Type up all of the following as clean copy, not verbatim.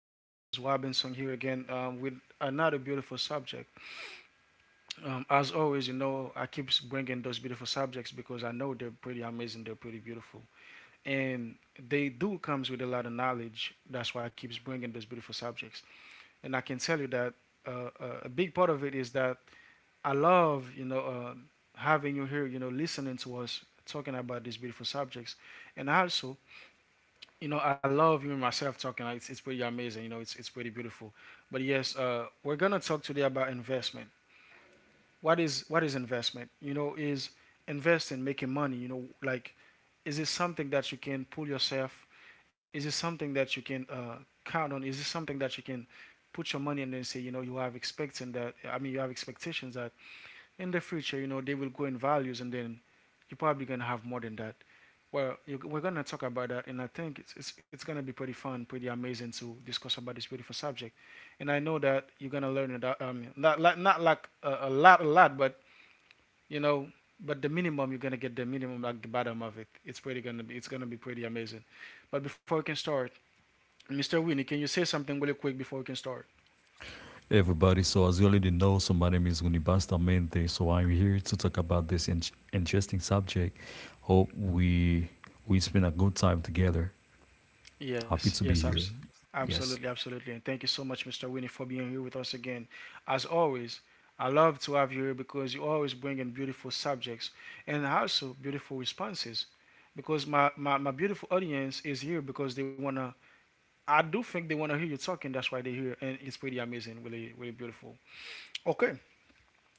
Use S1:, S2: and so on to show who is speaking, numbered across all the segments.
S1: This is Robinson here again with another beautiful subject. As always, you know, I keep bringing those beautiful subjects because I know they're pretty amazing, they're pretty beautiful, and they do comes with a lot of knowledge. That's why I keep bringing those beautiful subjects, and I can tell you that a big part of it is that I love, you know, having you here, you know, listening to us talking about these beautiful subjects, and also you know, I love you and myself talking. It's pretty amazing. You know, it's pretty beautiful. But yes, we're gonna talk today about investment. What is investment? You know, is investing making money? You know, like, is it something that you can pull yourself? Is it something that you can count on? Is it something that you can put your money in and say, you know, you have expecting that? I mean, you have expectations that in the future, you know, they will grow in values, and then you're probably gonna have more than that. Well, you, we're gonna talk about that, and I think it's gonna be pretty fun, pretty amazing to discuss about this beautiful subject. And I know that you're gonna learn it. Not like a lot, but you know, but the minimum you're gonna get the minimum, like the bottom of it. It's pretty gonna be it's gonna be pretty amazing. But before we can start, Mr. Winnie, can you say something really quick before we can start?
S2: Everybody. So, as you already know, so my name is Guni Bastamente. So, I'm here to talk about this interesting subject. Hope we spend a good time together. Happy
S1: Yes,
S2: to be
S1: yes,
S2: here.
S1: abs-
S2: Yes,
S1: absolutely, absolutely. And thank you so much, Mr. Winnie, for being here with us again. As always, I love to have you here because you always bring in beautiful subjects and also beautiful responses. Because my beautiful audience is here because they wanna I do think they wanna hear you talking, that's why they're here and it's pretty amazing, really, really beautiful. Okay.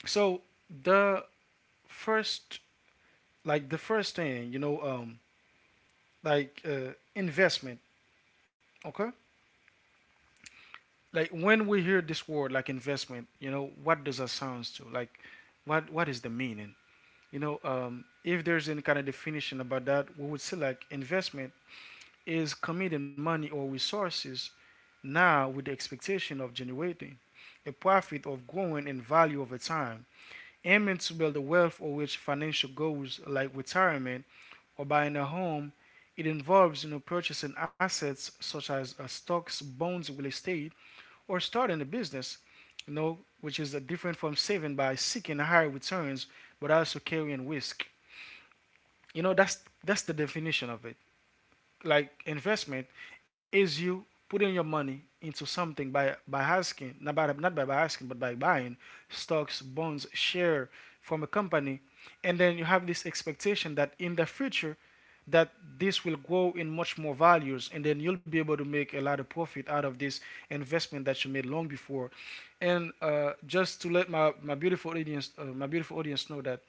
S1: So the first like the first thing, you know, like investment, okay? Like when we hear this word like investment, you know, what does that sounds to like what is the meaning, you know, if there's any kind of definition about that, we would say like investment is committing money or resources now with the expectation of generating a profit of growing in value over time, aiming to build a wealth or which financial goals like retirement or buying a home. It involves, you know, purchasing assets such as stocks, bonds, real estate, or starting a business, you know, which is different from saving by seeking higher returns but also carrying risk. You know, that's the definition of it. Like investment is you putting your money into something by asking not by by asking but by buying stocks, bonds, share from a company, and then you have this expectation that in the future, that this will grow in much more values, and then you'll be able to make a lot of profit out of this investment that you made long before. And just to let my beautiful audience my beautiful audience know that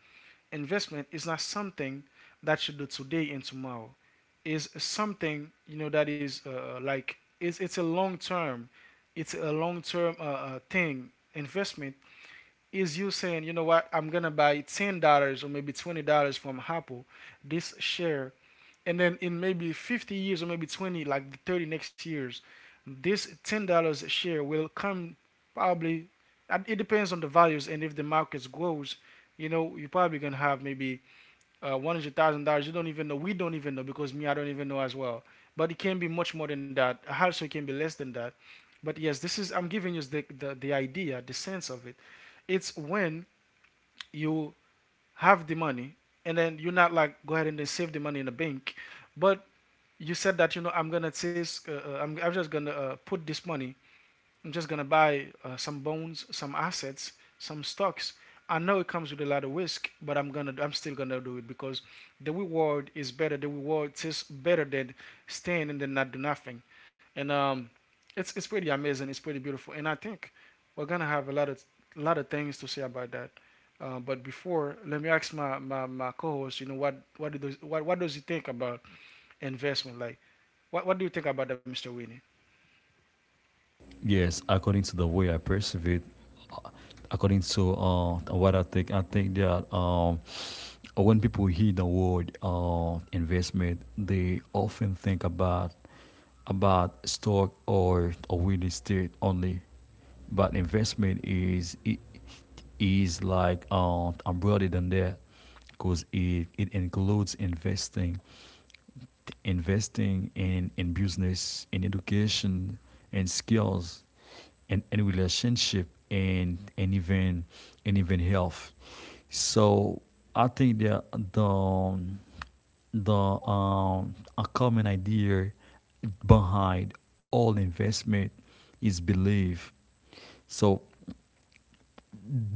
S1: investment is not something that you do today and tomorrow. Is something, you know, that is like it's a long term, it's a long term thing. Investment is you saying, you know what, I'm gonna buy $10 or maybe $20 from Apple, this share, and then in maybe 50 years or maybe twenty like the 30 next years, this $10 share will come probably it depends on the values and if the market grows, you know, you're probably gonna have maybe $100,000. You don't even know. We don't even know because me, I don't even know as well. But it can be much more than that. Also, it can be less than that. But yes, this is I'm giving you the the idea, the sense of it. It's when you have the money and then you're not like go ahead and then save the money in the bank, but you said that, you know, I'm gonna say I'm just gonna put this money. I'm just gonna buy some bonds, some assets, some stocks. I know it comes with a lot of risk, but I'm still gonna do it because the reward is better. The reward is better than staying and then not do nothing. And it's pretty amazing. It's pretty beautiful. And I think we're gonna have a lot of things to say about that. But before, let me ask my co-host. You know what does he think about investment? Like what do you think about that, Mr. Winnie?
S2: yes. According to the way I perceive it, uh, according to what I think that when people hear the word investment, they often think about stock or a real estate only. But investment is like I'm broader than that because it includes investing, investing in business, in education, and skills, and relationship, and even health. So I think that the a common idea behind all investment is belief. So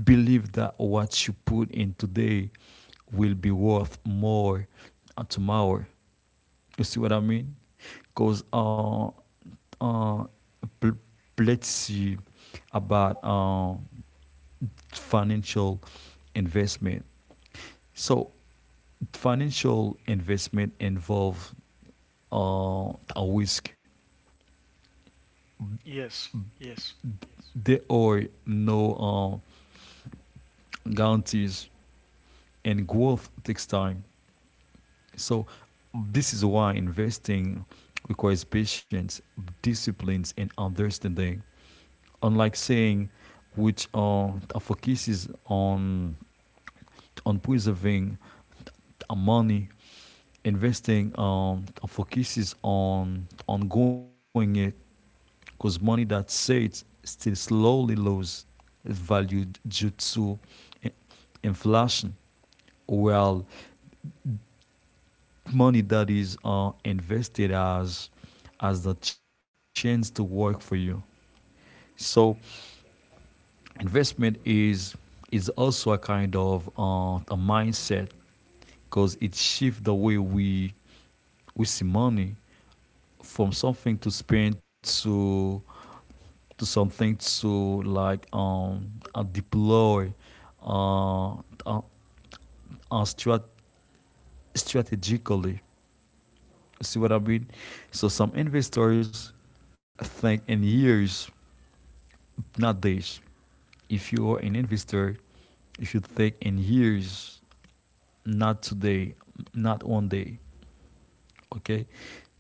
S2: believe that what you put in today will be worth more tomorrow. You see what I mean? Because uh, let's see about financial investment. So financial investment involve a risk.
S1: Yes, yes.
S2: There are no guarantees, and growth takes time. So this is why investing requires patience, disciplines, and understanding. Unlike saying, which are focuses on preserving money, investing focuses on growing it, because money that saves still slowly loses its value due to eh, inflation, while money that is invested as the chance to work for you. So investment is also a kind of a mindset because it shifts the way we see money from something to spend to something to like deploy uh, uh, uh strat- strategically. See what I mean? So some investors think in years, not days. If you are an investor, you should think in years, not today, not one day. Okay?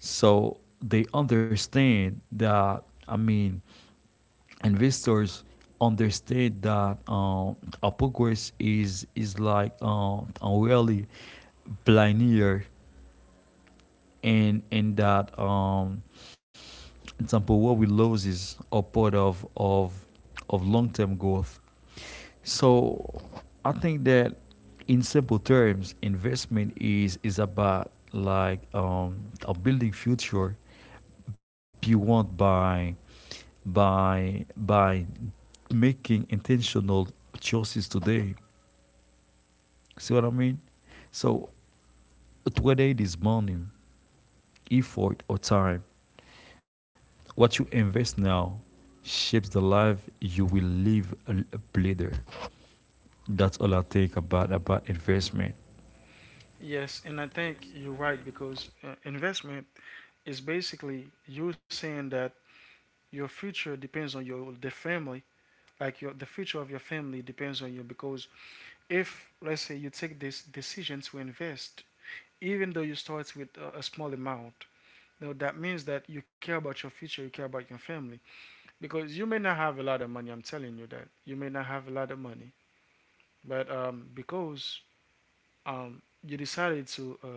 S2: So they understand that, I mean, investors understand that a progress is like a really linear, and that example, what we lose is upward of long-term growth. So I think that in simple terms, investment is about like a building future beyond by making intentional choices today. See what I mean? So whether it is money, effort, or time, what you invest now shapes the life you will live later. That's all I think about investment.
S1: Yes, and I think you're right because investment is basically you saying that your future depends on your the family, like your the future of your family depends on you because if let's say you take this decision to invest, even though you start with a small amount, no, that means that you care about your future, you care about your family because you may not have a lot of money. I'm telling you that you may not have a lot of money, but because you decided to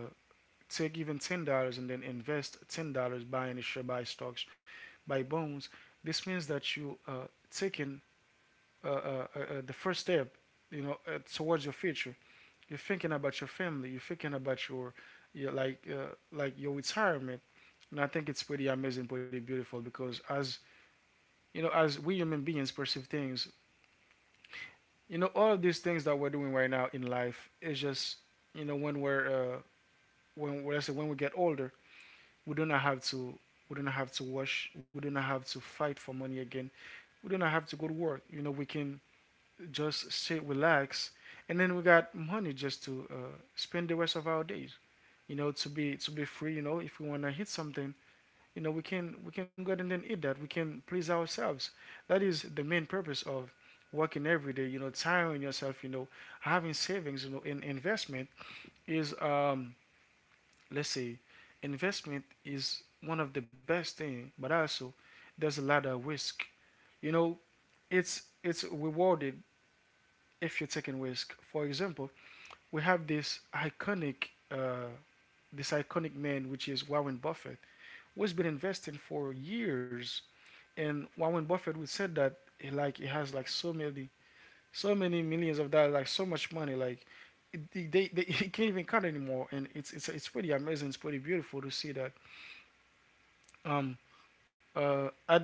S1: take even $10 and then invest $10 buying a share, buy stocks, buy bonds, this means that you taking the first step, you know, towards your future. You're thinking about your family. You're thinking about your like your retirement. And I think it's pretty amazing, pretty beautiful because as you know, as we human beings perceive things, you know, all of these things that we're doing right now in life is just, you know, when we're, when let's say when we get older, we do not have to wash. We do not have to fight for money again. We do not have to go to work. You know, we can just sit, relax, and then we got money just to spend the rest of our days. You know, to be free. You know, if we wanna hit something, you know, we can go ahead and then eat that. We can please ourselves. That is the main purpose of working every day. You know, tiring yourself. You know, having savings. You know, in investment is let's say investment is one of the best thing, but also there's a lot of risk. You know, it's rewarded if you're taking risk. For example, we have uh, this iconic man which is Warren Buffett, who's been investing for years. And Warren Buffett would said that he, like he has like so many millions of dollars, like so much money, like he can't even count anymore and it's pretty amazing it's pretty beautiful to see that um Uh, I,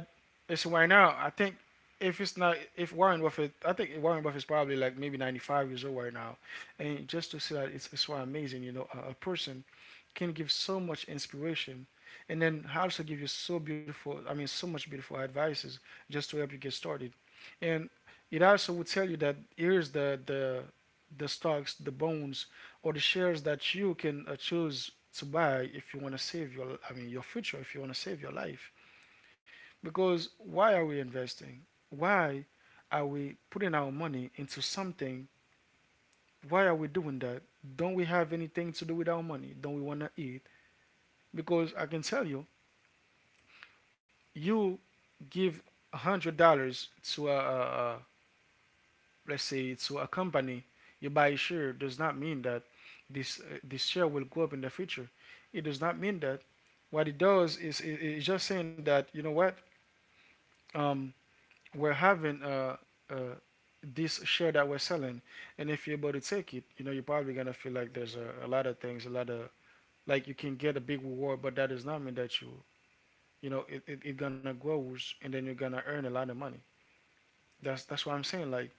S1: it's right now. I think if it's not if Warren Buffett, I think Warren Buffett is probably like maybe 95 years old right now, and just to see that it's so amazing. You know, a person can give so much inspiration, and then also give you so beautiful. I mean, so much beautiful advices just to help you get started, and it also would tell you that here's the stocks, the bonds, or the shares that you can choose to buy if you want to save your. I mean, your future if you want to save your life. Because why are we investing? Why are we putting our money into something? Why are we doing that? Don't we have anything to do with our money? Don't we want to eat? Because I can tell you, you give $100 to a let's say to a company, you buy a share does not mean that this share will go up in the future. It does not mean that. What it does is it's just saying that, you know what, um, we're having uh, this share that we're selling, and if you're able to take it, you know you're probably gonna feel like there's a lot of things, a lot of like you can get a big reward, but that does not mean that you know it gonna grows and then you're gonna earn a lot of money. That's what I'm saying. Like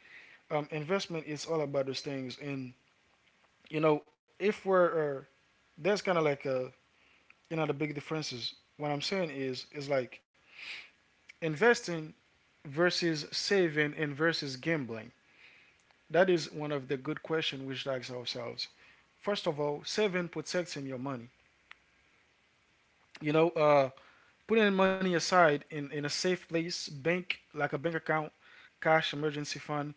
S1: investment is all about those things, and you know if we're that's kind of like a you know the big differences. What I'm saying is like investing versus saving and versus gambling. That is one of the good questions we should ask ourselves. First of all, saving protects in your money. You know, putting money aside in a safe place, bank, like a bank account, cash emergency fund.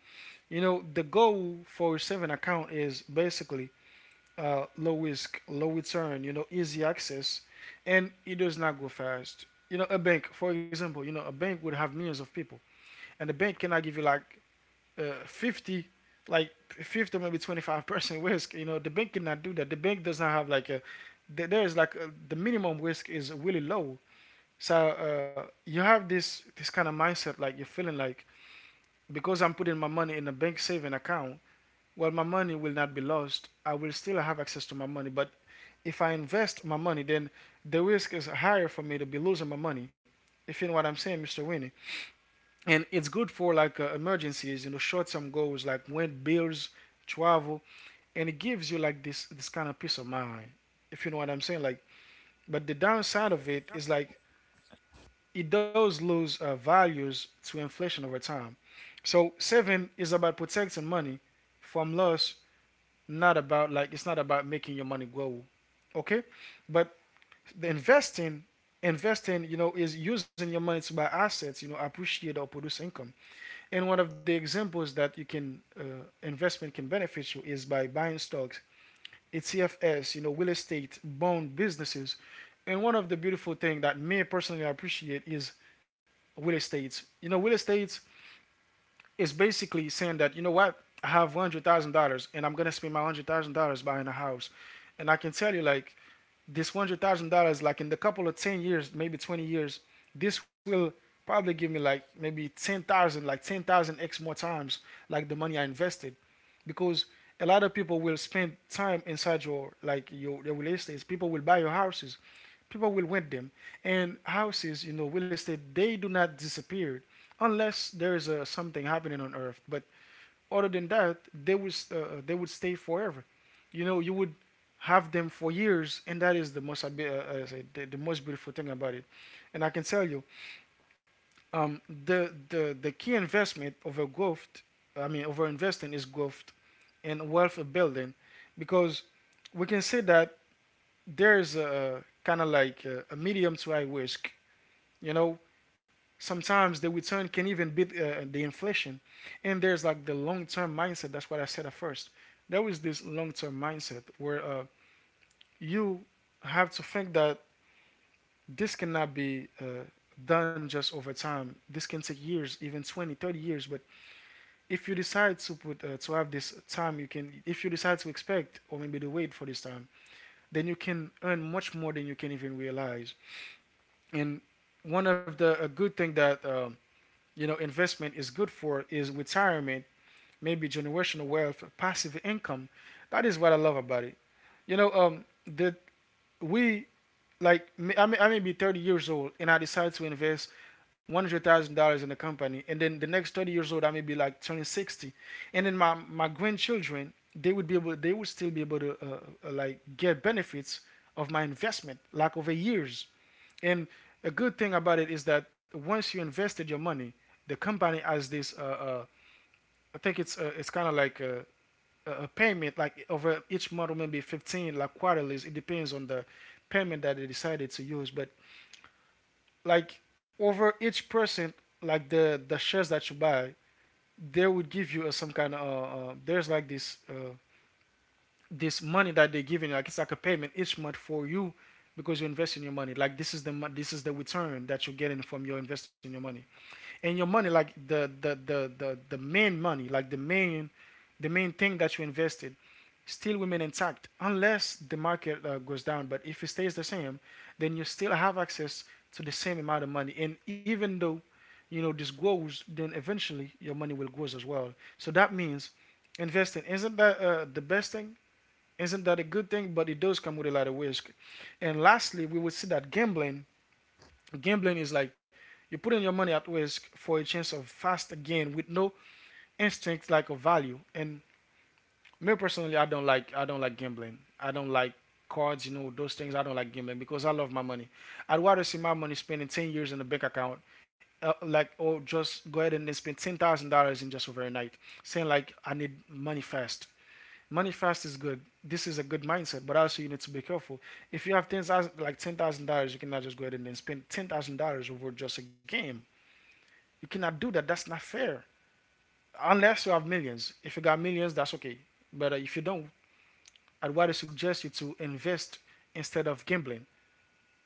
S1: You know, the goal for a saving account is basically low risk, low return. You know, easy access, and it does not go fast. You know, a bank, for example, you know, a bank would have millions of people, and the bank cannot give you like 50, like 50, or maybe 25% risk. You know, the bank cannot do that. The bank does not have like a, there is like a, the minimum risk is really low. So you have this kind of mindset, like you're feeling like, because I'm putting my money in a bank saving account, well, my money will not be lost, I will still have access to my money, but if I invest my money, then the risk is higher for me to be losing my money, if you know what I'm saying, Mr. Winnie. And it's good for like emergencies, you know, short-term goals like when bills, travel, and it gives you like this kind of peace of mind, if you know what I'm saying, like. But the downside of it is like it does lose values to inflation over time. So saving is about protecting money from loss, not about, like, it's not about making your money grow. Okay. But the investing, you know, is using your money to buy assets, you know, appreciate or produce income. And one of the examples that you can, investment can benefit you, is by buying stocks, ETFs, you know, real estate, bond businesses. And one of the beautiful things that me personally appreciate is real estate. You know, real estate is basically saying that, you know what, I have $100,000, and I'm gonna spend my $100,000 buying a house, and I can tell you, like, this $100,000, like in the couple of 10 years, maybe 20 years, this will probably give me like maybe 10,000, like 10,000 x more times, like the money I invested. Because a lot of people will spend time inside your, like your real estate. People will buy your houses, people will rent them, and houses, you know, real estate, they do not disappear unless there is a something happening on Earth. But other than that, they would stay forever. You know, you would have them for years, and that is uh, the most beautiful thing about it. And I can tell you, the key investment of a growth, I mean, over investing is growth and wealth building, because we can say that there's a kind of like a medium to high risk. You know, sometimes the return can even beat the inflation, and there's like the long-term mindset, that's what I said at first. There is this long-term mindset where, you have to think that this cannot be done just over time. This can take years, even 20, 30 years. But if you decide to put, to have this time, you can, if you decide to expect or maybe to wait for this time, then you can earn much more than you can even realize. And one of the a good thing that, you know, investment is good for is retirement, maybe generational wealth, passive income. That is what I love about it. You know, that we, like, I may be 30 years old and I decide to invest $100,000 in the company, and then the next 30 years old I may be like turning 60, and then my grandchildren, they would be able they would still be able to, like, get benefits of my investment, like, over years. And a good thing about it is that once you invested your money, the company has this, I think it's, it's kind of like, a payment like over each month, maybe 15, like quarterly, it depends on the payment that they decided to use. But like over each person, like the shares that you buy, they would give you a, some kind of, there's like this, this money that they're giving, like it's like a payment each month for you, because you invest in your money, like this is the return that you're getting from your investing your money. And your money, like the main money, like the main thing that you invested, still women intact unless the market goes down, but if it stays the same, then you still have access to the same amount of money, and even though, you know, this grows, then eventually your money will grow as well. So that means investing isn't that, the best thing, isn't that a good thing, but it does come with a lot of risk. And lastly, we will see that, gambling is like you're putting your money at risk for a chance of fast gain with no instinct, like, of value. And me personally, I don't like gambling. I don't like cards, you know, those things. I don't like gambling because I love my money. I'd rather see my money spending 10 years in a bank account, like, or just go ahead and then spend $10,000 in just overnight, saying like I need money fast. Money fast is good. This is a good mindset, but also you need to be careful. If you have 10,000, like $10,000, you cannot just go ahead and then spend $10,000 over just a game. You cannot do that. That's not fair. Unless you have millions. If you got millions, that's okay. But if you don't, I'd rather suggest you to invest instead of gambling,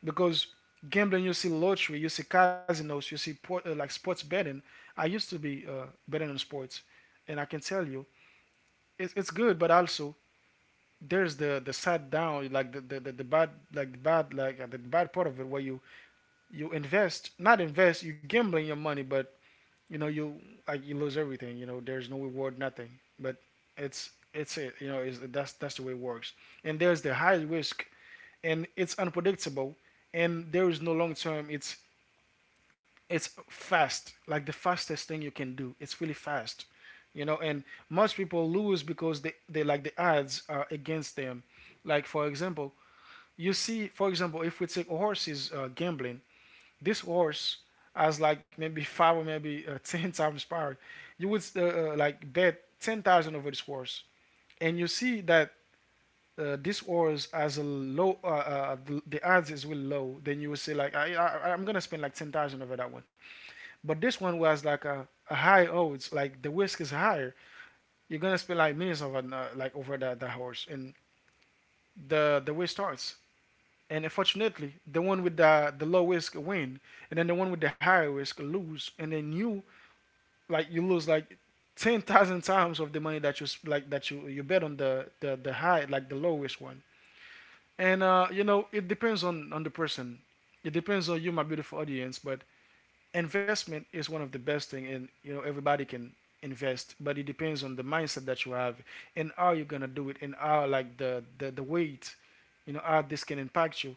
S1: because gambling, you see lottery, you see casinos, you see like sports betting. I used to be betting on sports, and I can tell you it's good, but also there's the side down, like the bad, like the bad, like, the bad part of it where you invest, not invest, you gambling your money. But, you know, you, like, you lose everything, you know, there's no reward, nothing. But it's it you know, is that's the way it works. And there's the high risk, and it's unpredictable, and there is no long term. It's fast, like the fastest thing you can do, it's really fast, you know. And most people lose because they like, the odds are against them, like, for example. You see, for example, if we take horses, gambling, this horse has like maybe five, or maybe, ten times power. You would, like, bet 10,000 over this horse, and you see that, this orders as a low, the odds is really low, then you will say like, I'm gonna spend like 10,000 over that one. But this one was like a high odds, like the risk is higher. You're gonna spend like millions over, like over that horse, and the way starts. And unfortunately, the one with the low risk win, and then the one with the higher risk lose, and then you, like, you lose like 10,000 times of the money that you, like, that you bet on the high, like the low risk one. And you know, it depends on the person. It depends on you, my beautiful audience. But investment is one of the best thing, and, you know, everybody can invest. But it depends on the mindset that you have, and how you're gonna do it, and how, like, the weight, you know, how this can impact you.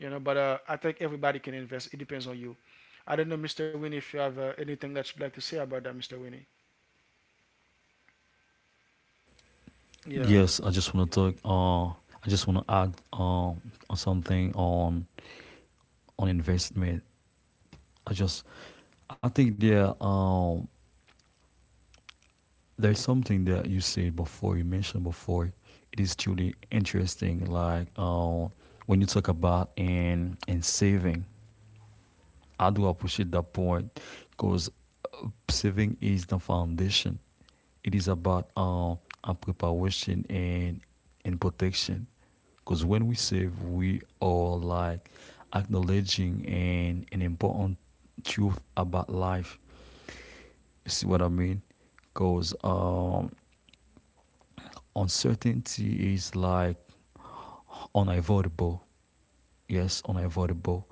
S1: You know, but I think everybody can invest. It depends on you. I don't know, Mr. Winnie, if you have anything that you'd like to say about that, Mr. Winnie. Yeah,
S2: Yes, I just want to talk. I just want to add on something on investment. I just I think there there's something that you said before you mentioned before. It is truly interesting. Like when you talk about in saving, I do appreciate that point because saving is the foundation. It is about our preparation and protection. Because when we save, we are like acknowledging an important truth about life. You see what I mean? Because uncertainty is like unavoidable. Yes, unavoidable.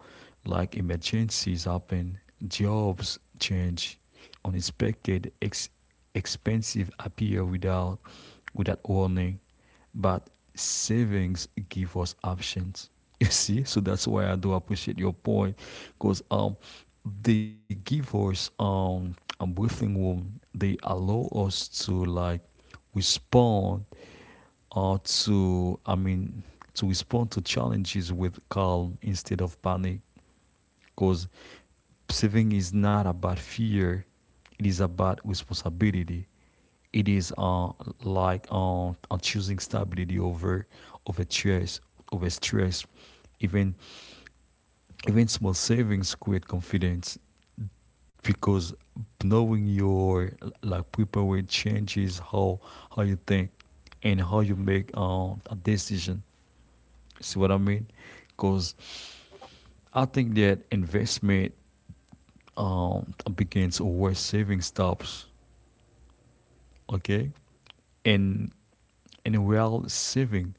S2: Like emergencies happen, jobs change, unexpected expensive appear without warning, but savings give us options. You see, so that's why I do appreciate your point, because they give us a breathing room. They allow us to like respond or to, I mean, to respond to challenges with calm instead of panic. Because saving is not about fear, it is about responsibility. It is like choosing stability over stress, over stress, Even even small savings create confidence because knowing your like people will changes how you think and how you make a decision. See what I mean? Because I think that investment begins where saving stops. Okay, and and while saving,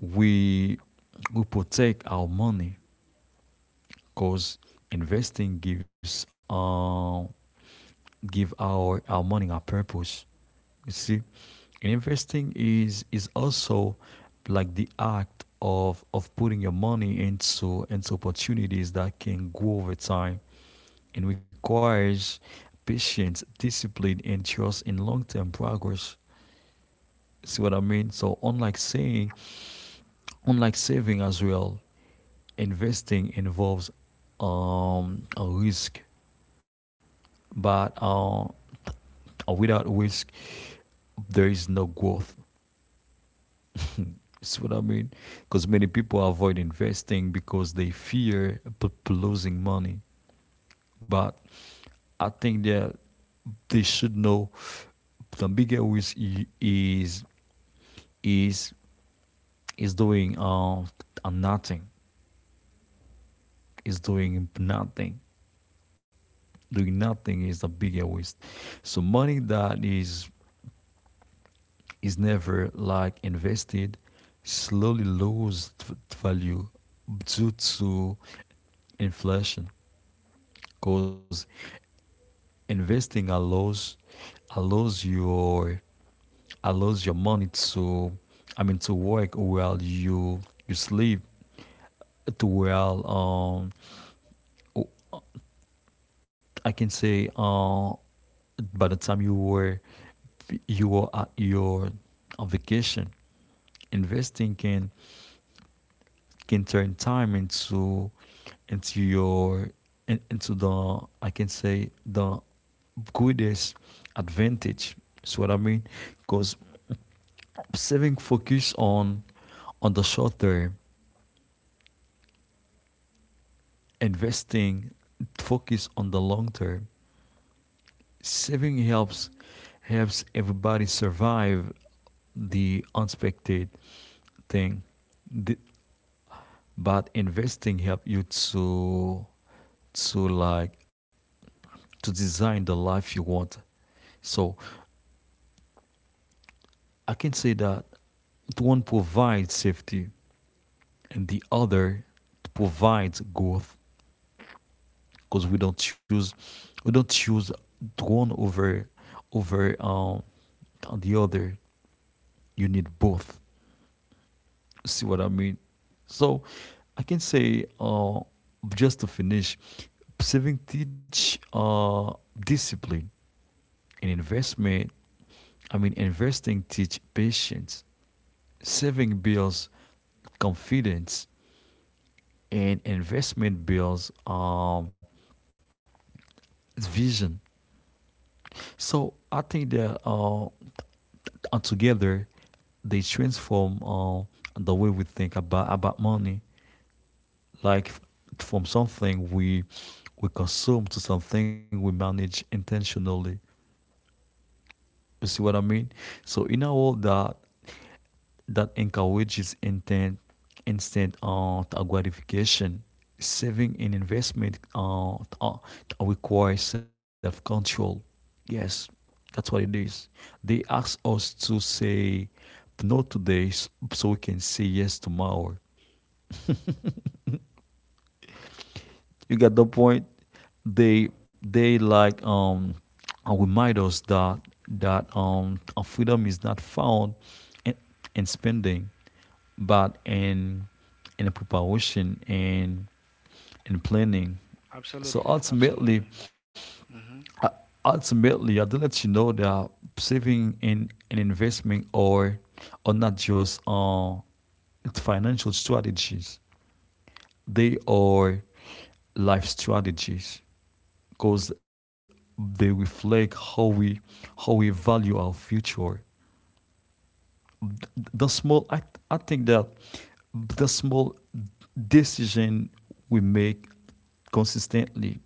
S2: we we protect our money because investing give our money a purpose. You see, investing is also like the act of putting your money into opportunities that can grow over time and requires patience, discipline, and trust in long-term progress. See what I mean? So unlike saying, unlike saving as well, investing involves a risk but without risk, there is no growth. See what I mean? Because many people avoid investing because they fear losing money. But I think that they should know the bigger risk is is doing nothing. Is doing nothing. Doing nothing is the bigger risk. So money that is never like invested slowly lose value due to inflation because investing allows your allows your money to I mean to work while you sleep to while I can say by the time you were at your on vacation investing can turn time into into the I can say the greatest advantage. See what I mean? Because saving focus on the short term, investing focus on the long term. Saving helps everybody survive the unexpected thing. The- but investing help you to like to design the life you want. So I can say that one provides safety and the other provides growth because we don't choose one over the other. You need both. See what I mean? So I can say just to finish, saving teach discipline and investment I mean, investing teach patience, saving builds confidence, and investment builds vision. So I think that together they transform the way we think about money, like from something we consume to something we manage intentionally. You see what I mean? So in a world that encourages intent instead of gratification. Saving and investment requires self control. Yes, that's what it is. They ask us to say no today so we can say yes tomorrow. You got the point? They they like remind us that freedom is not found in, in, spending but in preparation and in planning. So
S1: absolutely,
S2: ultimately,
S1: absolutely. Hmm.
S2: uh, I do let you know that saving in an investment or not just financial strategies. They are life strategies because they reflect how we value our future. The small I think that the small decision we make consistently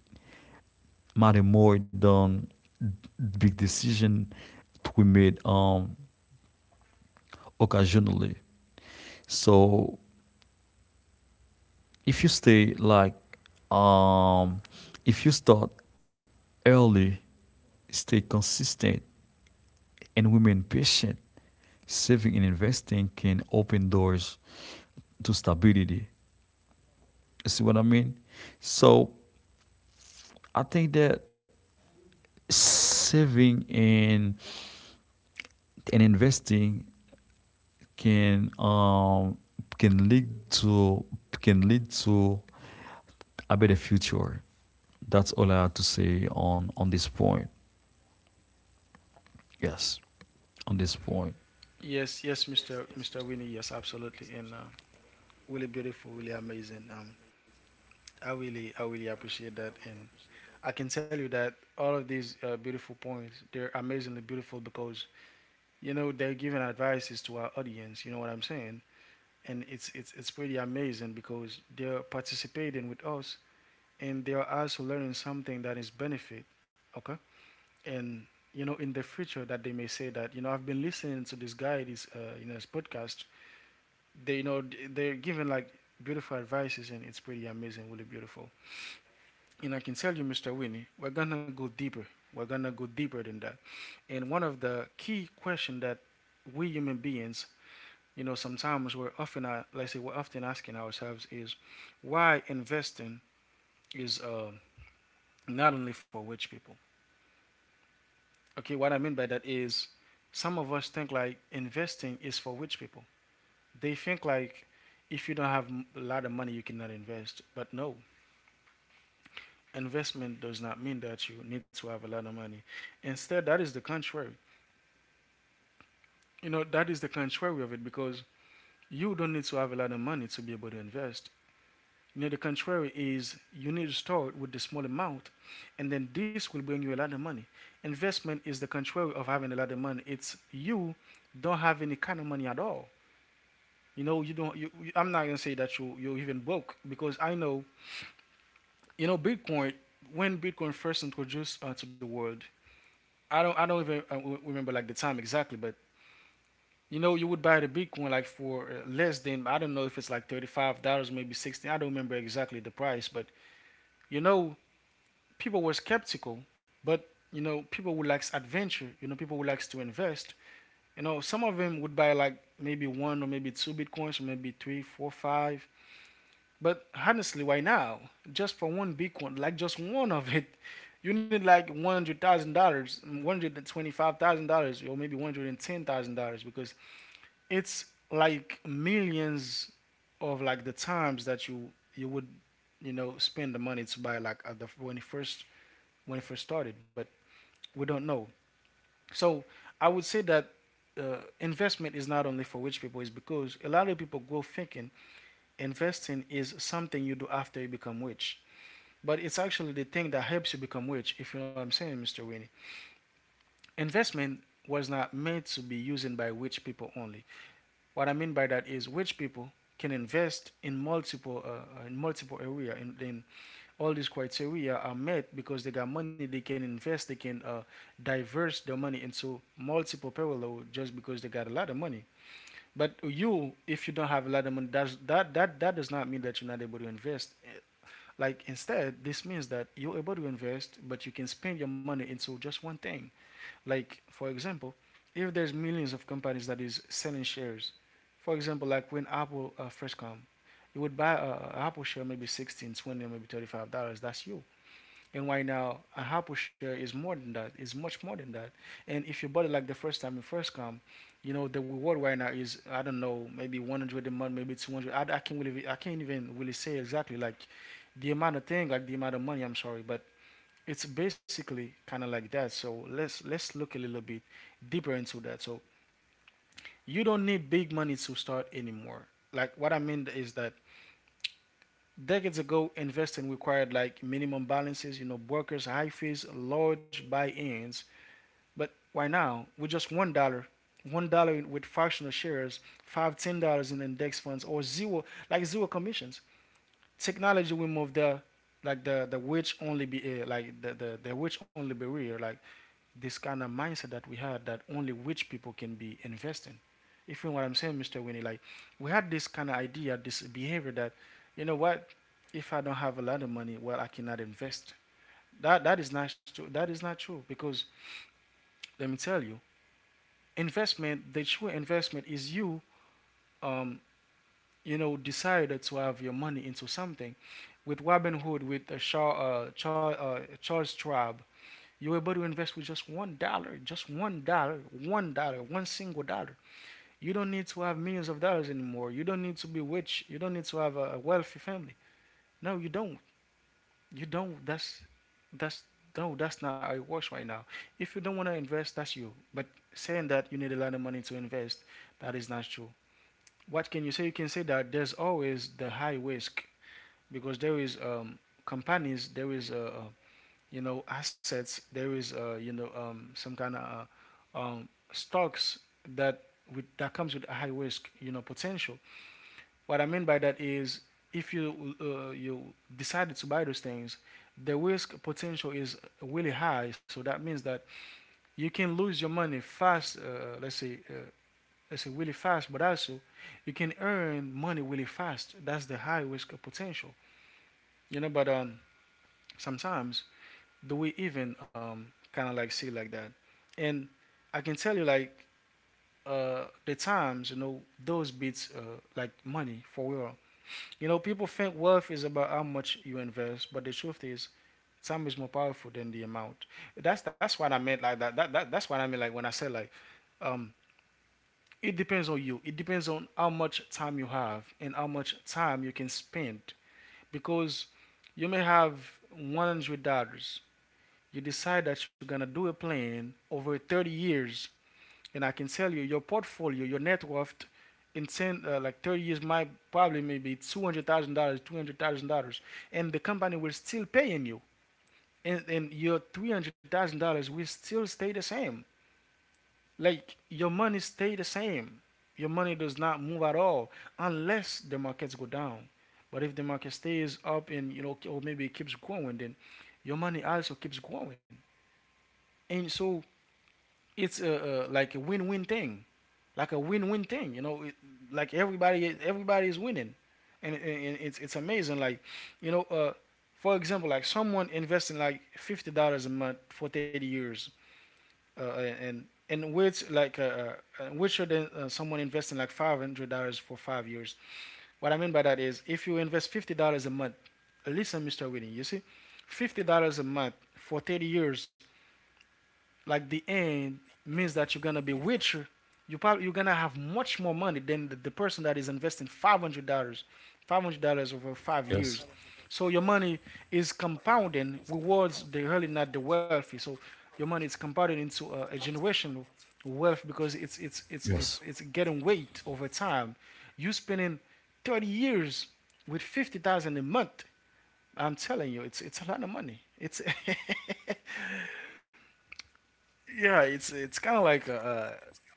S2: matter more than big decision we made occasionally. So if you stay like um if you start early, stay consistent, and remain patient, saving and investing can open doors to stability. See what I mean? So I think that saving and investing can um can lead to can lead to a better future. That's all I have to say on this point. Yes, on this point.
S1: Yes, yes, Mr. Winnie. Yes, absolutely. And really beautiful, really amazing. I really appreciate that, and I can tell you that all of these beautiful points, they're amazingly beautiful because, you know, they're giving advices to our audience. You know what I'm saying? And it's pretty amazing because they're participating with us, and they are also learning something that is benefit. Okay, and you know in the future that they may say that you know I've been listening to this guy, this you know this podcast. They they're giving like beautiful advices, and it's pretty amazing, really beautiful. And I can tell you, Mr. Winnie, we're gonna go deeper. We're gonna go deeper than that. And one of the key questions that we human beings, you know, sometimes we're often, let's say, we're often asking ourselves is why investing is not only for rich people. Okay, what I mean by that is some of us think like investing is for rich people. They think like if you don't have a lot of money, you cannot invest. But no, investment does not mean that you need to have a lot of money. Instead, that is the contrary. You know, that is the contrary of it because you don't need to have a lot of money to be able to invest. You know, the contrary is you need to start with the small amount, and then this will bring you a lot of money. Investment is the contrary of having a lot of money. It's you don't have any kind of money at all. You know, you don't. You, I'm not gonna say that you're even broke because I know. You know, Bitcoin. When Bitcoin first introduced to the world, I don't even remember like the time exactly, but You know, you would buy the big one like for less than I don't know if it's like $35, maybe 60. I don't remember exactly the price, but you know, people were skeptical. But you know, people who likes adventure, you know, people who likes to invest. You know, some of them would buy like maybe one or maybe two bitcoins, or maybe three, four, five. But honestly, why now? Just for one bitcoin, like just one of it, you need like $100,000, $125,000, or maybe $110,000 because it's like millions of like the times that you would you know spend the money to buy like at the when it first started, but we don't know. So I would say that investment is not only for rich people is because a lot of people go thinking investing is something you do after you become rich, but it's actually the thing that helps you become rich, if you know what I'm saying, Mr. Winnie. Investment was not meant to be used by rich people only. What I mean by that is which people can invest in multiple area, and then all these criteria are met because they got money, they can invest, they can diverse their money into multiple parallel just because they got a lot of money. But you, if you don't have a lot of money, that does not mean that you're not able to invest. Like instead, this means that you're able to invest, but you can spend your money into just one thing. Like for example, if there's millions of companies that is selling shares, for example, like when Apple first come, you would buy a Apple share maybe 16, 20, or maybe 35 dollars. That's you. And right now, a Apple share is more than that. It's much more than that. And if you bought it like the first time you first come, you know the reward right now is I don't know maybe 100 a month, maybe 200. I can't really I can't even really say exactly like the amount of thing like the amount of money. I'm sorry, but it's basically kind of like that. So let's look a little bit deeper into that. So you don't need big money to start anymore. Like what I mean is that decades ago, investing required like minimum balances, you know, brokers, high fees, large buy-ins. But why now? With just $1, $1 with fractional shares, $5 $10 in index funds, or zero like zero commissions. Technology will move the like the witch only be like the witch only barrier. Like this kind of mindset that we had that only rich people can be investing. If you know what I'm saying, Mr. Winnie, like we had this kind of idea, this behavior that, you know what, if I don't have a lot of money, well, I cannot invest. That is not true. That is not true because let me tell you, investment, the true investment is you, um, you know, decided to have your money into something. With Robin Hood, with Charles Schwab, you're able to invest with just $1, just $1, $1, one single dollar. You don't need to have millions of dollars anymore. You don't need to be rich. You don't need to have a wealthy family. No, you don't. You don't. That's no, that's not how it works right now. If you don't want to invest, that's you. But saying that you need a lot of money to invest, that is not true. What can you say? You can say that there's always the high risk because there is companies, there is you know assets, there is you know some kind of um, stocks that with that comes with a high risk, you know, potential. What I mean by that is if you you decided to buy those things, the risk potential is really high. So that means that you can lose your money fast. Let's say really fast, but also you can earn money really fast. That's the high risk potential, you know. But sometimes do we even kind of like see like that? And I can tell you like the times, you know, those beats, like money for real. You know, people think wealth is about how much you invest, but the truth is, time is more powerful than the amount. That's what I meant like that. That's what I meant like when I said like um, it depends on you. It depends on how much time you have and how much time you can spend because you may have $100. You decide that you're gonna do a plan over 30 years, and I can tell you your portfolio, your net worth in 10, like 30 years might probably maybe $200,000, $200,000, and the company will still paying you. And your $300,000 will still stay the same. Like your money stay the same. Your money does not move at all unless the markets go down. But if the market stays up and, you know, or maybe it keeps growing, then your money also keeps growing. And so it's like a win-win thing. Like a win-win thing. You know, it, like everybody is winning, and, and, it's amazing. Like, you know, for example, like someone investing like $50 a month for 30 years, uh, and which like which should someone investing like $500 for 5 years. What I mean by that is if you invest $50 a month, listen, Mister Whitney, you see, $50 a month for 30 years like the end means that you're gonna be richer. You probably you're gonna have much more money than the person that is investing $500, $500 over five
S2: Yes,
S1: years. So your money is compounding, rewards the really not the wealthy. So your money is compounding into a generational wealth because it's it's
S2: yes,
S1: it's it's it's getting weight over time. You spending 30 years with 50,000 a month. I'm telling you, it's a lot of money. It's yeah, it's kind of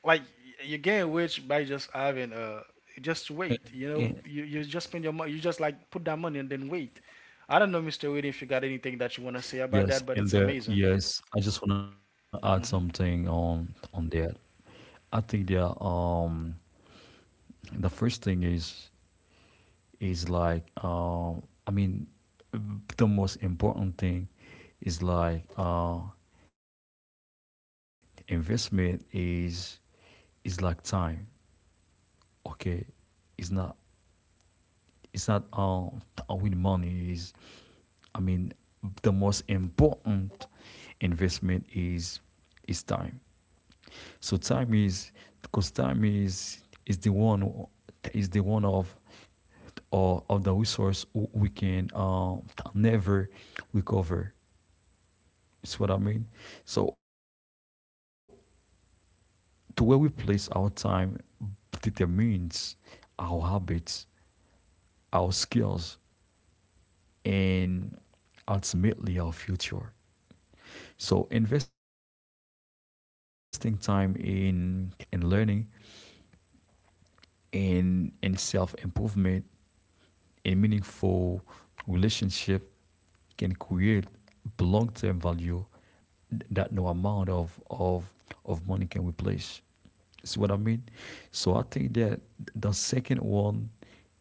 S1: like you gain weight by just having just
S2: and,
S1: wait. You
S2: and-
S1: know, you just spend your money. You just like put that money and then wait. I don't know, Mister Winnie, if you got anything that you want to say about
S2: yes,
S1: that, but
S2: and
S1: it's
S2: there.
S1: amazing.
S2: Yes, I just want to add
S1: Hmm.
S2: something on that. I think that the first thing is like I mean the most important thing is like investment is like time. Okay, it's not it's not all with money. Is I mean the most important investment is time. So time is because time is the one is the one of the resource we can never recover. It's what I mean. So, to where we place our time determines our habits, our skills, and ultimately our future. So, investing time in learning, in self improvement, in meaningful relationship can create long term value that no amount of money can replace. See what I mean? So I think that the second one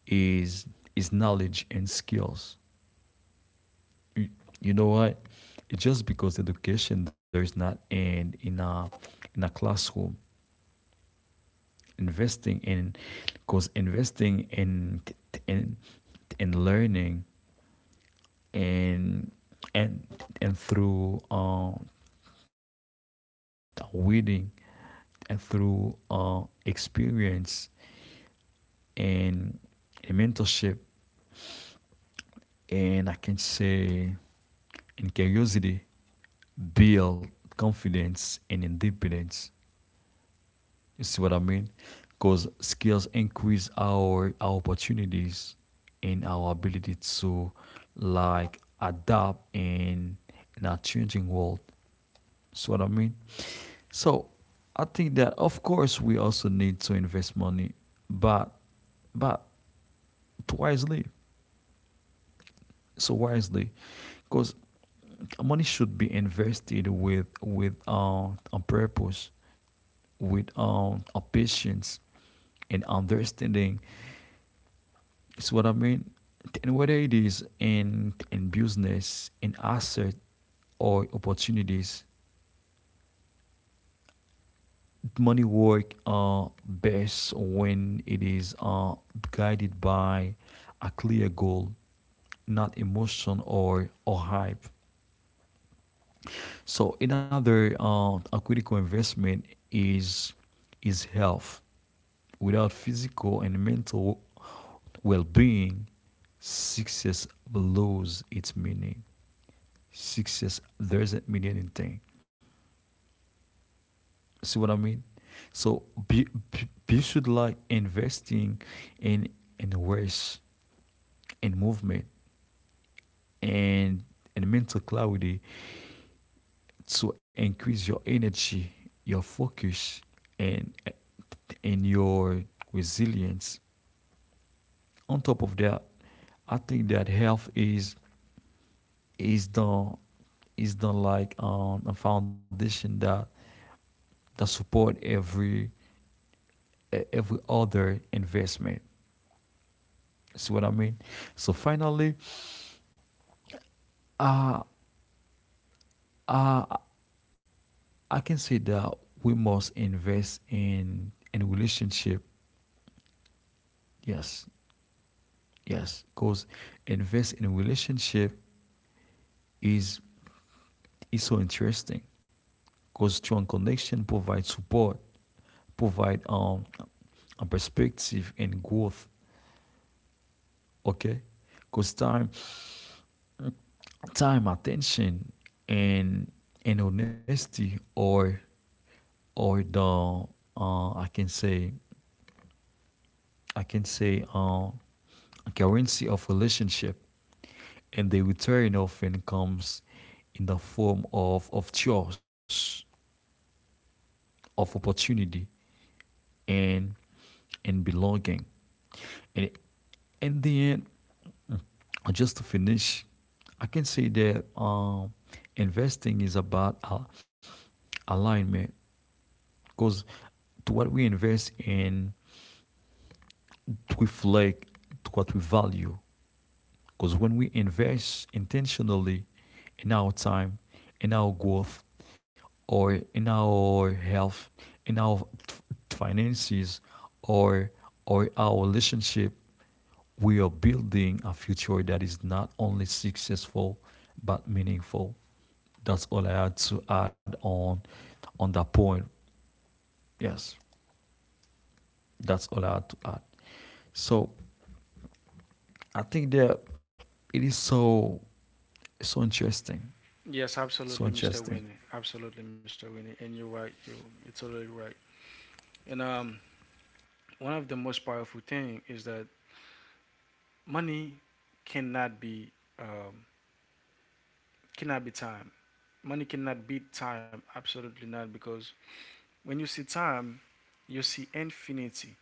S2: is is knowledge and skills. You, you know what? It's just because education there is not in a classroom. Investing in Because investing in in learning and and and through reading and through experience and in mentorship and I can say in curiosity build confidence and independence. You see what I mean? Because skills increase our opportunities and our ability to like adapt in a changing world. See what I mean? So I think that of course we also need to invest money, but but wisely wisely because money should be invested with a purpose with a patience and understanding is what I mean. And whether it is in business in asset or opportunities money work best when it is guided by a clear goal, not emotion or hype. So another a critical investment is is health. Without physical and mental well-being, success loses its meaning. Success doesn't mean anything. See what I mean? So be should like investing in in rest, in movement, and and mental clarity to increase your energy, your focus, and and your resilience. On top of that, I think that health is the is the like a foundation that support every every other investment. See what I mean? So finally, uh, uh, I can say that we must invest in relationship. Yes, yes, because invest in relationship is is so interesting because strong connection provides support, provide a perspective and growth. Okay, because time, time, attention, and and honesty, or the I can say I can say uh, currency of relationship, and the return often comes in the form of choice, of opportunity, and and belonging, and in the end, just to finish, I can say that investing is about alignment because to what we invest in to reflect to what we value. Because when we invest intentionally in our time, in our growth, or in our health, in our finances, or or our relationship, we are building a future that is not only successful but meaningful. That's all I had to add on that point. Yes, that's all I had to add. So I think that it is so interesting,
S1: Yes,
S2: so
S1: absolutely, Mister
S2: interesting.
S1: Winnie. Absolutely, Mister Winnie. And you're right. You're totally right. And one of the most powerful thing is that money cannot be um, cannot be time. Money cannot beat time. Absolutely not, because when you see time, you see infinity,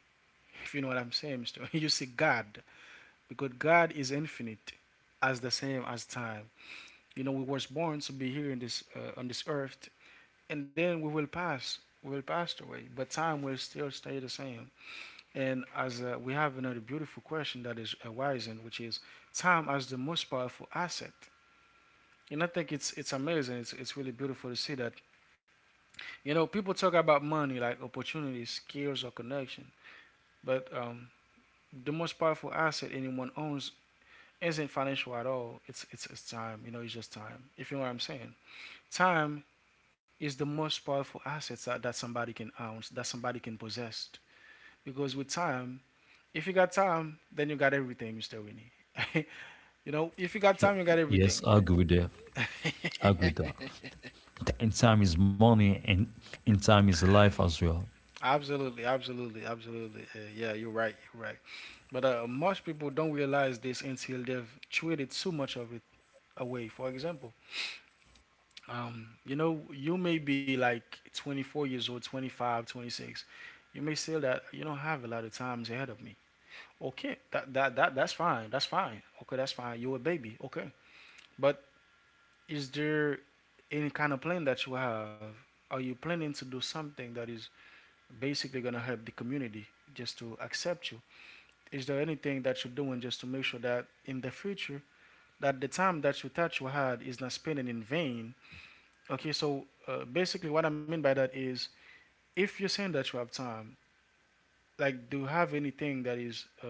S1: if you know what I'm saying, Mr. You see God, because God is infinite as the same as time. You know, we was born to be here in this on this earth, and then we will pass. We will pass away, but time will still stay the same. And as we have another beautiful question that is arising, which is time as the most powerful asset. And I think it's amazing. it's really beautiful to see that. You know, people talk about money like opportunities, skills, or connection, but the most powerful asset anyone owns isn't financial at all. It's time. You know, it's just time. If you know what I'm saying, time is the most powerful asset that somebody can own, that somebody can possess. Because with time, if you got time, then you got everything, Mr. Winnie. You know, if you got
S2: Ye-
S1: time, you got
S2: Yes,
S1: everything.
S2: I agree with that. I agree with that. And time is money, and time is life as well.
S1: Absolutely, absolutely, absolutely. Yeah, you're right. You're right. But most people don't realize this until they've traded too much of it away. For example, you know, you may be like 24 years old, 25, 26. You may say that you don't have a lot of times ahead of me. Okay, that's fine. That's fine. Okay, that's fine. You're a baby. Okay. But is there any kind of plan that you have? Are you planning to do something that is basically going to help the community just to accept you? Is there anything that you're doing just to make sure that in the future, that the time that you thought you had is not spending in vain? Okay, so basically, what I mean by that is if you're saying that you have time, like, do you have anything that is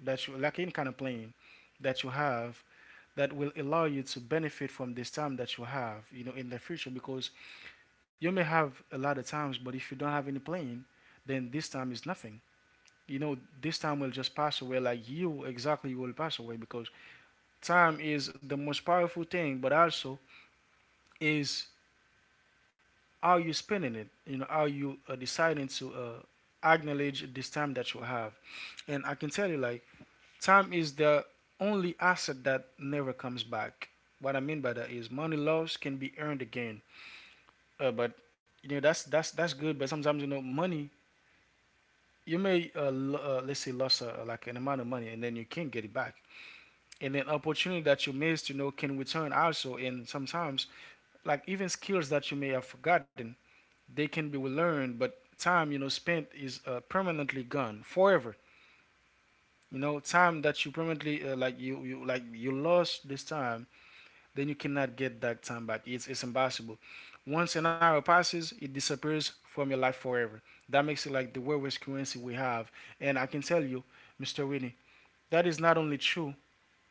S1: that you like any kind of plan that you have that will allow you to benefit from this time that you have, you know, in the future? Because you may have a lot of times, but if you don't have any plan, then this time is nothing. You know, this time will just pass away. Like you, exactly, will pass away because time is the most powerful thing, but also is how you spending it. You know, how you are deciding to acknowledge this time that you have. And I can tell you, like, time is the only asset that never comes back. What I mean by that is money lost can be earned again. But you know, that's good, but sometimes you know, money, you may let's say lost like an amount of money, and then you can't get it back. And then opportunity that you missed, you know, can return also. And sometimes, like, even skills that you may have forgotten, they can be learned, but time, you know, spent is permanently gone forever. You know, time that you permanently like you like you lost this time, then you cannot get that time back. It's impossible. Once an hour passes, it disappears from your life forever. That makes it like the weirdest currency we have. And I can tell you, Mr. Whitney, that is not only true,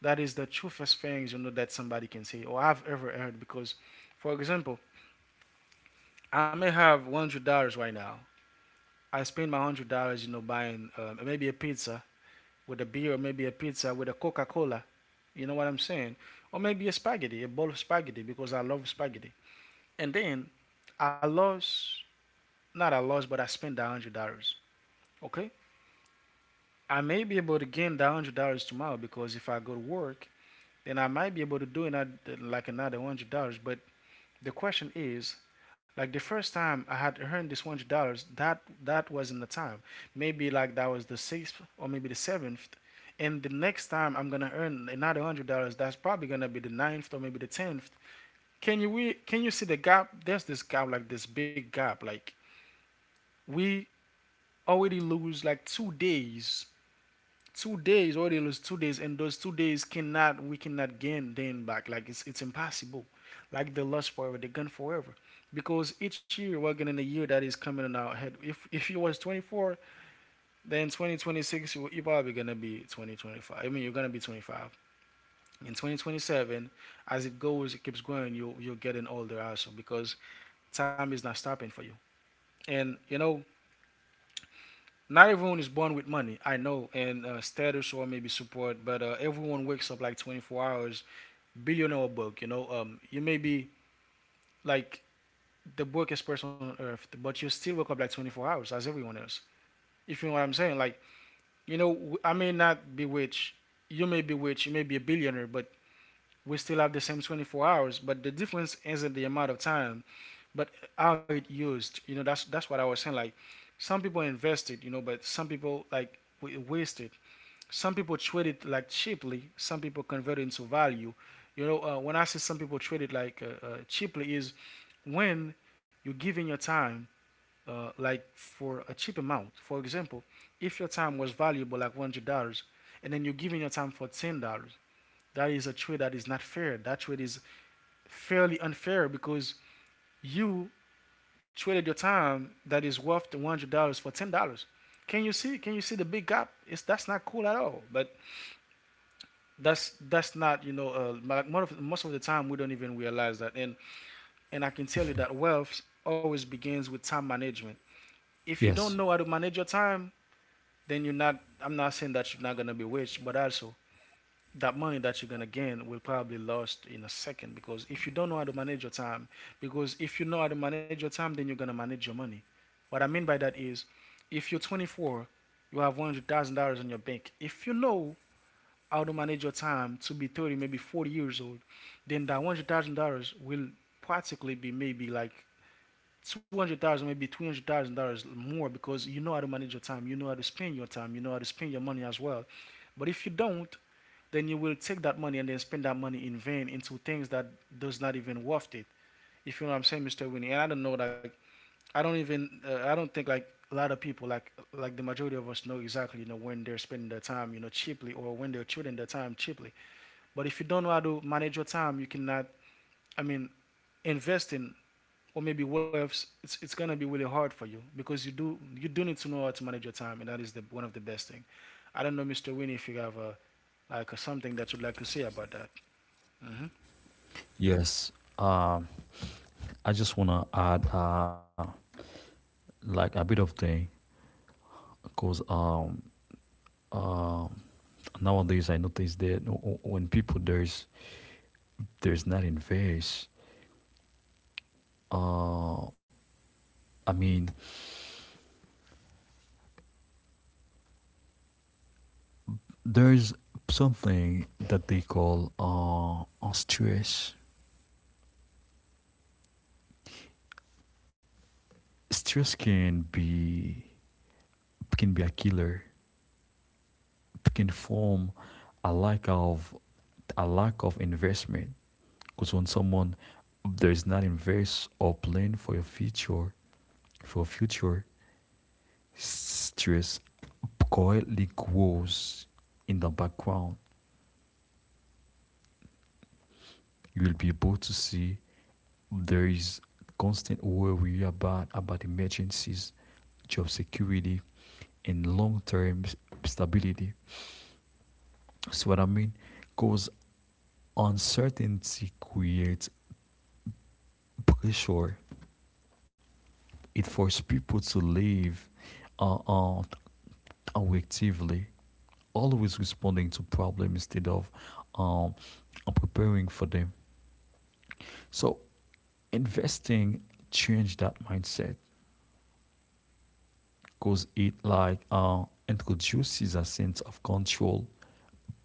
S1: that is the truest things, you know, that somebody can say or I've ever heard. Because for example, I may have $100 right now. I spend my $100, you know, buying maybe a pizza with a beer, or maybe a pizza with a Coca Cola. You know what I'm saying? Or maybe a spaghetti, a bowl of spaghetti because I love spaghetti. And then I lost, not I lost, but I spent that $100. Okay, I may be able to gain that $100 tomorrow because if I go to work, then I might be able to do another, like, another $100. But the question is, like, the first time I had earned this $100, that that wasn't the time. Maybe like that was the sixth or maybe the seventh. And the next time I'm gonna earn another $100, that's probably gonna be the ninth or maybe the tenth. Can you see the gap? There's this gap, like this big gap. Like, we already lose like 2 days, already lost. 2 days, and those 2 days cannot we cannot gain them back. Like, it's impossible. Like, the lost forever, the gone forever. Because each year we're getting a year that is coming on our head. If you was 24, then 2026, you're probably gonna be 2025, I mean you're gonna be 25 in 2027. As it goes, it keeps going. You're getting older also because time is not stopping for you. And you know, not everyone is born with money, I know, and status, or maybe support, but everyone wakes up like 24 hours, billionaire book you know, you may be, like, the wealthiest person on earth, but you still wake up like 24 hours as everyone else. If you know what I'm saying, like, you know, I may not be rich, you may be rich, you may be a billionaire, but we still have the same 24 hours. But the difference isn't the amount of time, but how it used. You know, that's what I was saying. Like, some people invested, you know, but some people, like wasted. Some people trade it like cheaply. Some people convert it into value. You know, when I say some people trade it like cheaply, is when you're giving your time like for a cheap amount. For example, if your time was valuable like $100, and then you're giving your time for $10, that is a trade that is not fair. That trade is fairly unfair because you traded your time that is worth $100 for $10. Can you see? Can you see the big gap? It's that's not cool at all. But that's not, you know, like most of the time, we don't even realize that. And I can tell you that wealth always begins with time management. If you don't
S2: Yes,
S1: know how to manage your time, then you're not, I'm not saying that you're not going to be rich, but also that money that you're going to gain will probably lost in a second, because if you don't know how to manage your time, because if you know how to manage your time, then you're going to manage your money. What I mean by that is if you're 24, you have $100,000 in your bank, if you know how to manage your time to be 30, maybe 40 years old, then that $100,000 will practically be maybe like 200,000, maybe $300,000 more because you know how to manage your time, you know how to spend your time, you know how to spend your money as well. But if you don't, then you will take that money and then spend that money in vain into things that does not even worth it. If you know what I'm saying, Mr. Winnie. And I don't know, like, I don't think, like, a lot of people, like the majority of us, know exactly, you know, when they're spending their time, you know, cheaply, or when they're treating their time cheaply. But if you don't know how to manage your time, you cannot. I mean, investing or maybe wealth, it's gonna be really hard for you because you do need to know how to manage your time, and that is the one of the best thing. I don't know, Mr. Winnie, if you have a like something that you'd like to say about that. Hmm.
S2: yes. Um, I just wanna add like a bit of thing. Because uh, Nowadays I notice that when people there's not invest, uh, I mean there's something that they call stress. Stress can be a killer. It can form a lack of a lack of investment. Because when someone there is not invest or plan for your future, for future, stress quietly grows in the background. You will be able to see there is constant worry about emergencies, job security, and long-term stability. See what I mean? Because uncertainty creates pressure. It forces people to live uh, uh, actively, always responding to problems instead of um, preparing for them. So investing change that mindset because it like introduces a sense of control,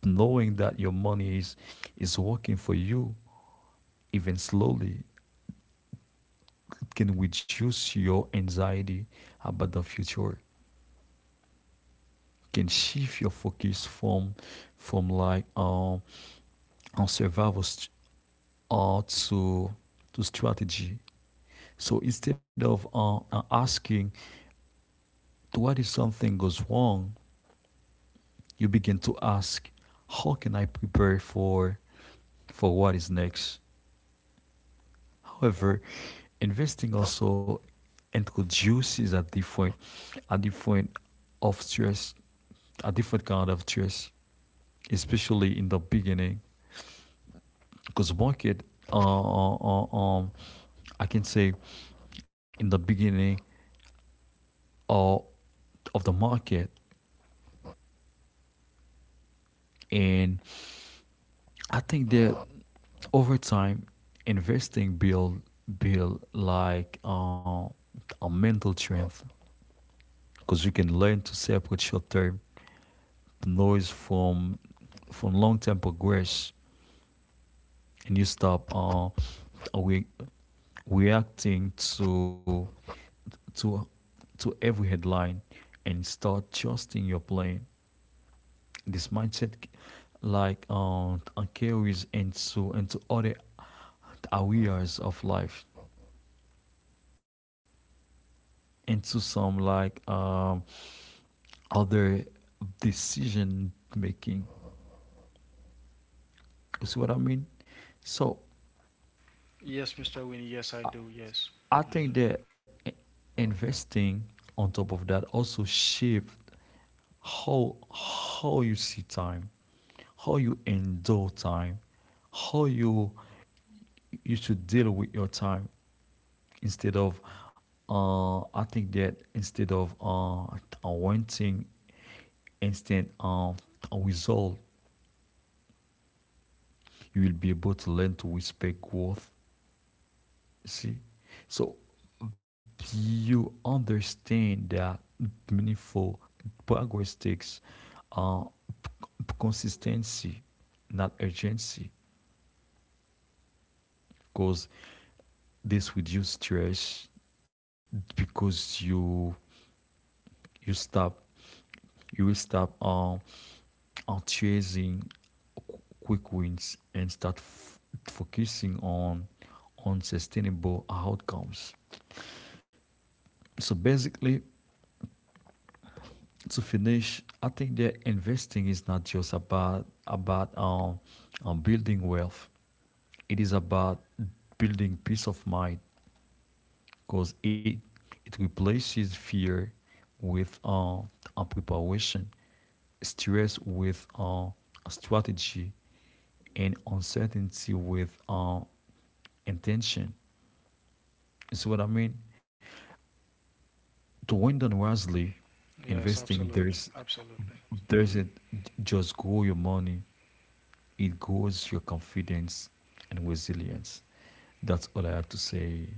S2: knowing that your money is working for you. Even slowly, it can reduce your anxiety about the future. It can shift your focus from from like um on survival uh, to to strategy. So instead of asking what if something goes wrong, you begin to ask, how can I prepare for what is next? However, investing also introduces a different a different of stress, a different kind of stress, especially in the beginning, because market uh, uh, uh, um I can say in the beginning uh, of the market. And I think that over time, investing build like a mental strength, because you can learn to separate short term noise from long term progress, and you stop re- reacting to to every headline, and start trusting your plan. This mindset like um carries into other areas of life, into some other decision making. You see what I mean? So
S1: Yes, Mr. Winnie. Yes, I do. Yes.
S2: I
S1: Hmm.
S2: think that investing, on top of that, also shift how you see time, how you endure time, how you you should deal with your time, instead of uh, I think that instead of uh, wanting instant result. You will be able to learn to whisper growth. See, so you understand that meaningful progress takes uh, consistency, not urgency, because this reduces stress, because you stop you will stop on chasing quick wins, and start focusing on sustainable outcomes. So basically, to finish, I think that investing is not just about building wealth. It is about building peace of mind, because it replaces fear with a preparation, stress with a strategy, and uncertainty with intention. You see what I mean? To win done wisely,
S1: Yes,
S2: investing
S1: absolutely, absolutely.
S2: there's
S1: Hmm.
S2: it just grow your money. It grows your confidence and resilience. That's all I have to say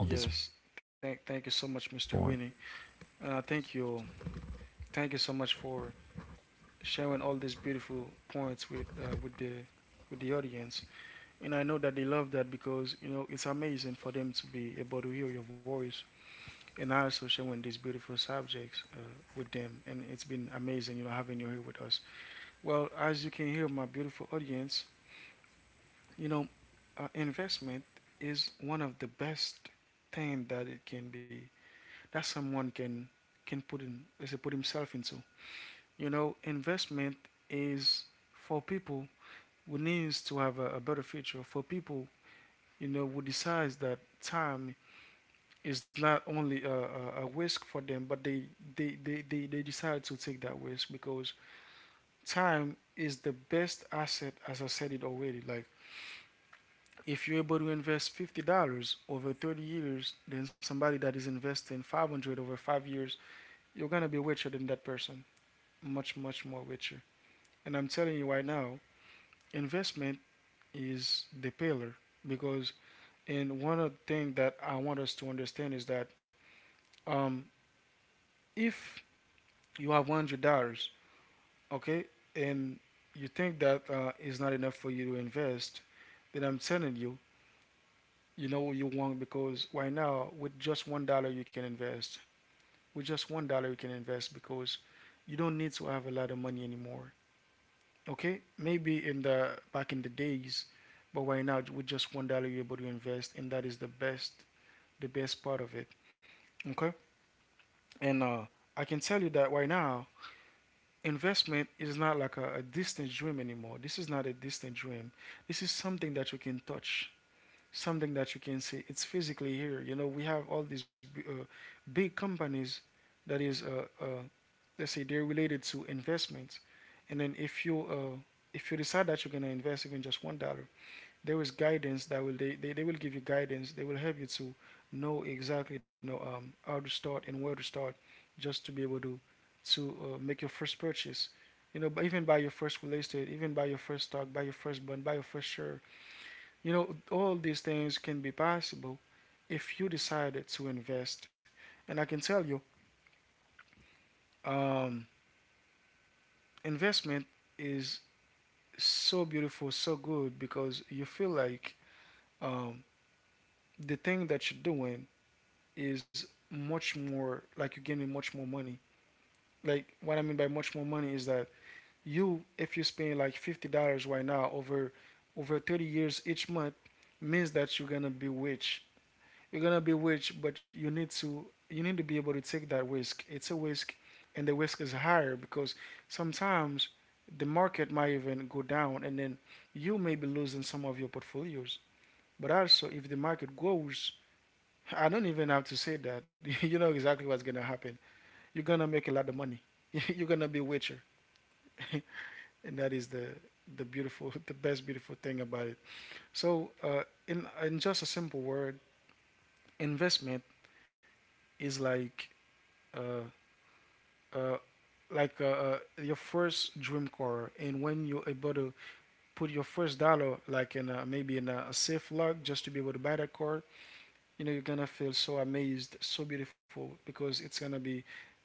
S2: on this point.
S1: Thank you so much, Mr. Winnie. Uh, thank you, thank you so much for sharing all these beautiful points with the audience. And I know that they love that because, you know, it's amazing for them to be able to hear your voice. And I also sharing these beautiful subjects with them. And it's been amazing, you know, having you here with us. Well, as you can hear, my beautiful audience, you know, investment is one of the best thing that it can be, that someone can put in, let's say, put himself into. You know, investment is for people who needs to have a better future, for people, you know, who decides that time is not only a risk for them, but they they decide to take that risk because time is the best asset, as I said it already. Like, if you're able to invest $50 over 30 years, then somebody that is investing $500 over 5 years, you're gonna be richer than that person, much much more richer. And I'm telling you right now, investment is the pillar because and one of the things that I want us to understand is that um, if you have $100, okay, and you think that is not enough for you to invest, then I'm telling you, you know what you want because right now, with just $1, you can invest. With just $1, you can invest because you don't need to have a lot of money anymore. Okay, maybe in the back in the days, but right now with just $1 you're able to invest, and that is the best part of it. Okay, and I can tell you that right now investment is not like a distant dream anymore. This is not a distant dream. This is something that you can touch, something that you can see. It's physically here. You know, we have all these big companies that is, let's say, they're related to investments. And then if you decide that you're gonna invest even just $1, there is guidance that they will give you guidance. They will help you to know exactly how to start and where to start, just to be able to make your first purchase. You know, but even buy your first real estate, even buy your first stock, buy your first bond, buy your first share. You know, all these things can be possible if you decided to invest. And I can tell you, um, investment is so beautiful, so good because you feel like um, the thing that you're doing is much more like you're getting much more money. Like what I mean by much more money is that you if you spend like $50 right now over 30 years each month means that you're gonna be rich. You're gonna be rich but you need to be able to take that risk. It's a risk and the risk is higher because sometimes the market might even go down and then you may be losing some of your portfolios. But also if the market goes I don't even have to say that. You know exactly what's gonna happen, you're gonna make a lot of money. You're gonna be a Witcher, and that is the beautiful, the best beautiful thing about it. So, in just a simple word, investment is like uh, uh, like uh, your first dream car, and when you're able to put your first dollar, like maybe in a safe lock, just to be able to buy that car, you know, you're gonna feel so amazed, so beautiful, because it's gonna be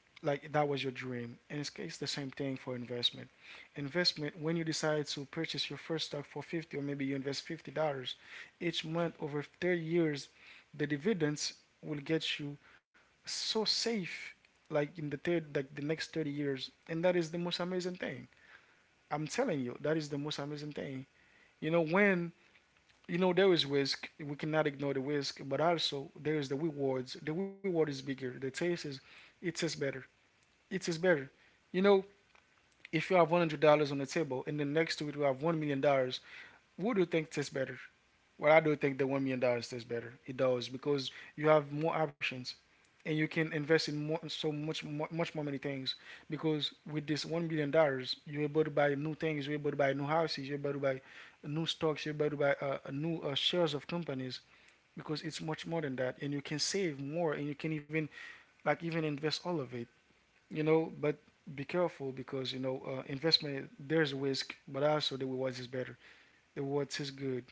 S1: like that was your dream. And it's the same thing for investment. Investment, when you decide to purchase your first stock for 50 or maybe you invest $50 each month over 30 years, the dividends will get you so safe like in the third like the next 30 years, and that is the most amazing thing. I'm telling you, that is the most amazing thing. You know, when you know there is risk, we cannot ignore the risk, but also there is the rewards. The reward is bigger, the taste is, it tastes better, it is better. You know, if you have $100 on the table and then next to it we have $1 million, what do you think tastes better? Well, I do think the $1 million tastes better. It does because you have more options, and you can invest in more, so much, much more many things. Because with this $1 million, you're able to buy new things. You're able to buy new houses. You're able to buy new stocks. You're able to buy new shares of companies because it's much more than that, and you can save more, and you can even like even invest all of it. You know, but be careful because you know investment. There's risk, but also the rewards is better. The rewards is good,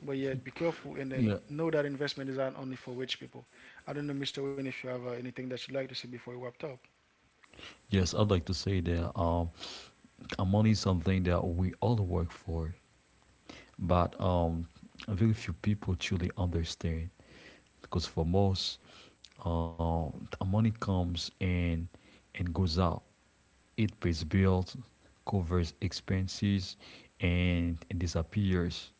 S1: but yeah, be careful and then
S2: Yeah.
S1: know that investment is not only for rich people. I don't know, Mister Wayne, if you have anything that you'd like to say before we wrap up.
S2: Yes, I'd like to say that money is something that we all work for, but very few people truly understand. Because for most, money comes in and goes out. It pays bills, covers expenses, and disappears.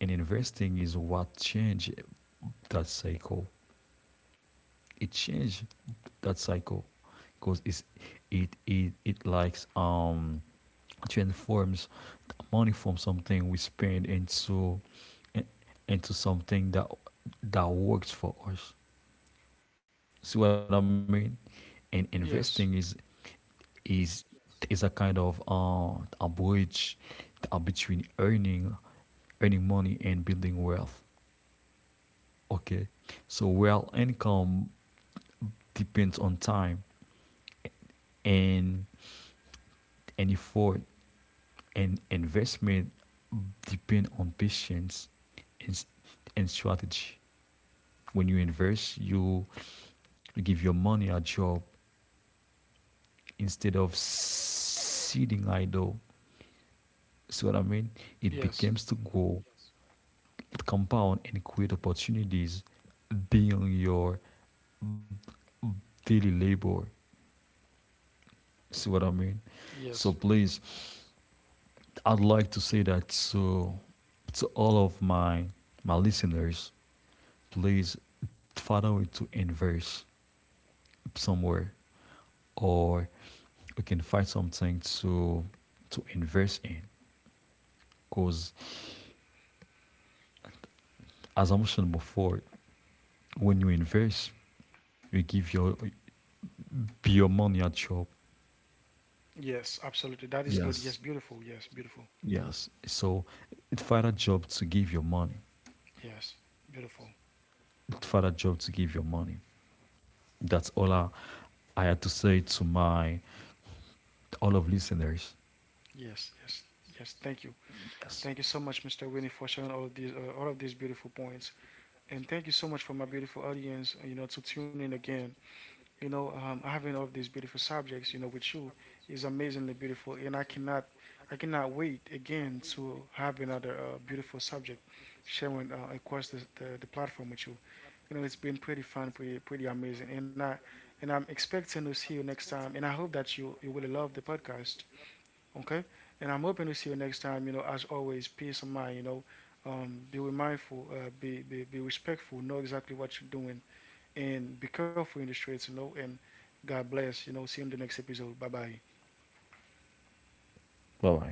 S2: And investing is what changes that cycle. It changed that cycle, because it's it it it likes transforms money from something we spend into into something that works for us. See what I mean? And investing is
S1: Yes,
S2: is is a kind of a bridge between earning money and building wealth. Okay. So wealth income depends on time and and effort, and investment depend on patience and, and strategy. When you invest, you give your money a job instead of sitting idle. See what I mean? It
S1: yes,
S2: begins to grow, it compound and create opportunities beyond your daily labor. See what I mean? So
S1: yes,
S2: please, I'd like to say that to all of my my listeners, please follow it to inverse somewhere, or we can find something to inverse in, because as I mentioned before, when you inverse, you give your money a job.
S1: yes, absolutely. That is good. Yes,
S2: Yes,
S1: beautiful. Yes, beautiful.
S2: yes, so it find a job to give your money,
S1: Yes, beautiful.
S2: it find a job to give your money. that's all i, I had to say to my all of listeners.
S1: Yes, yes, yes. Thank you.
S2: Yes,
S1: Thank you so much, Mr. Winnie, for sharing all of these beautiful points, and thank you so much for my beautiful audience. You know, to tune in again. You know, having all these beautiful subjects, you know, with you is amazingly beautiful, and I cannot wait again to have another beautiful subject sharing across the platform with you. You know, it's been pretty fun, pretty amazing, and I'm expecting to see you next time, and I hope that you will love the podcast, okay? And I'm hoping to see you next time. You know, as always, peace of mind. You know, be mindful, be respectful, know exactly what you're doing and be careful in the streets, you know. And God bless, you know. See you in the next episode. Bye bye.
S2: bye bye.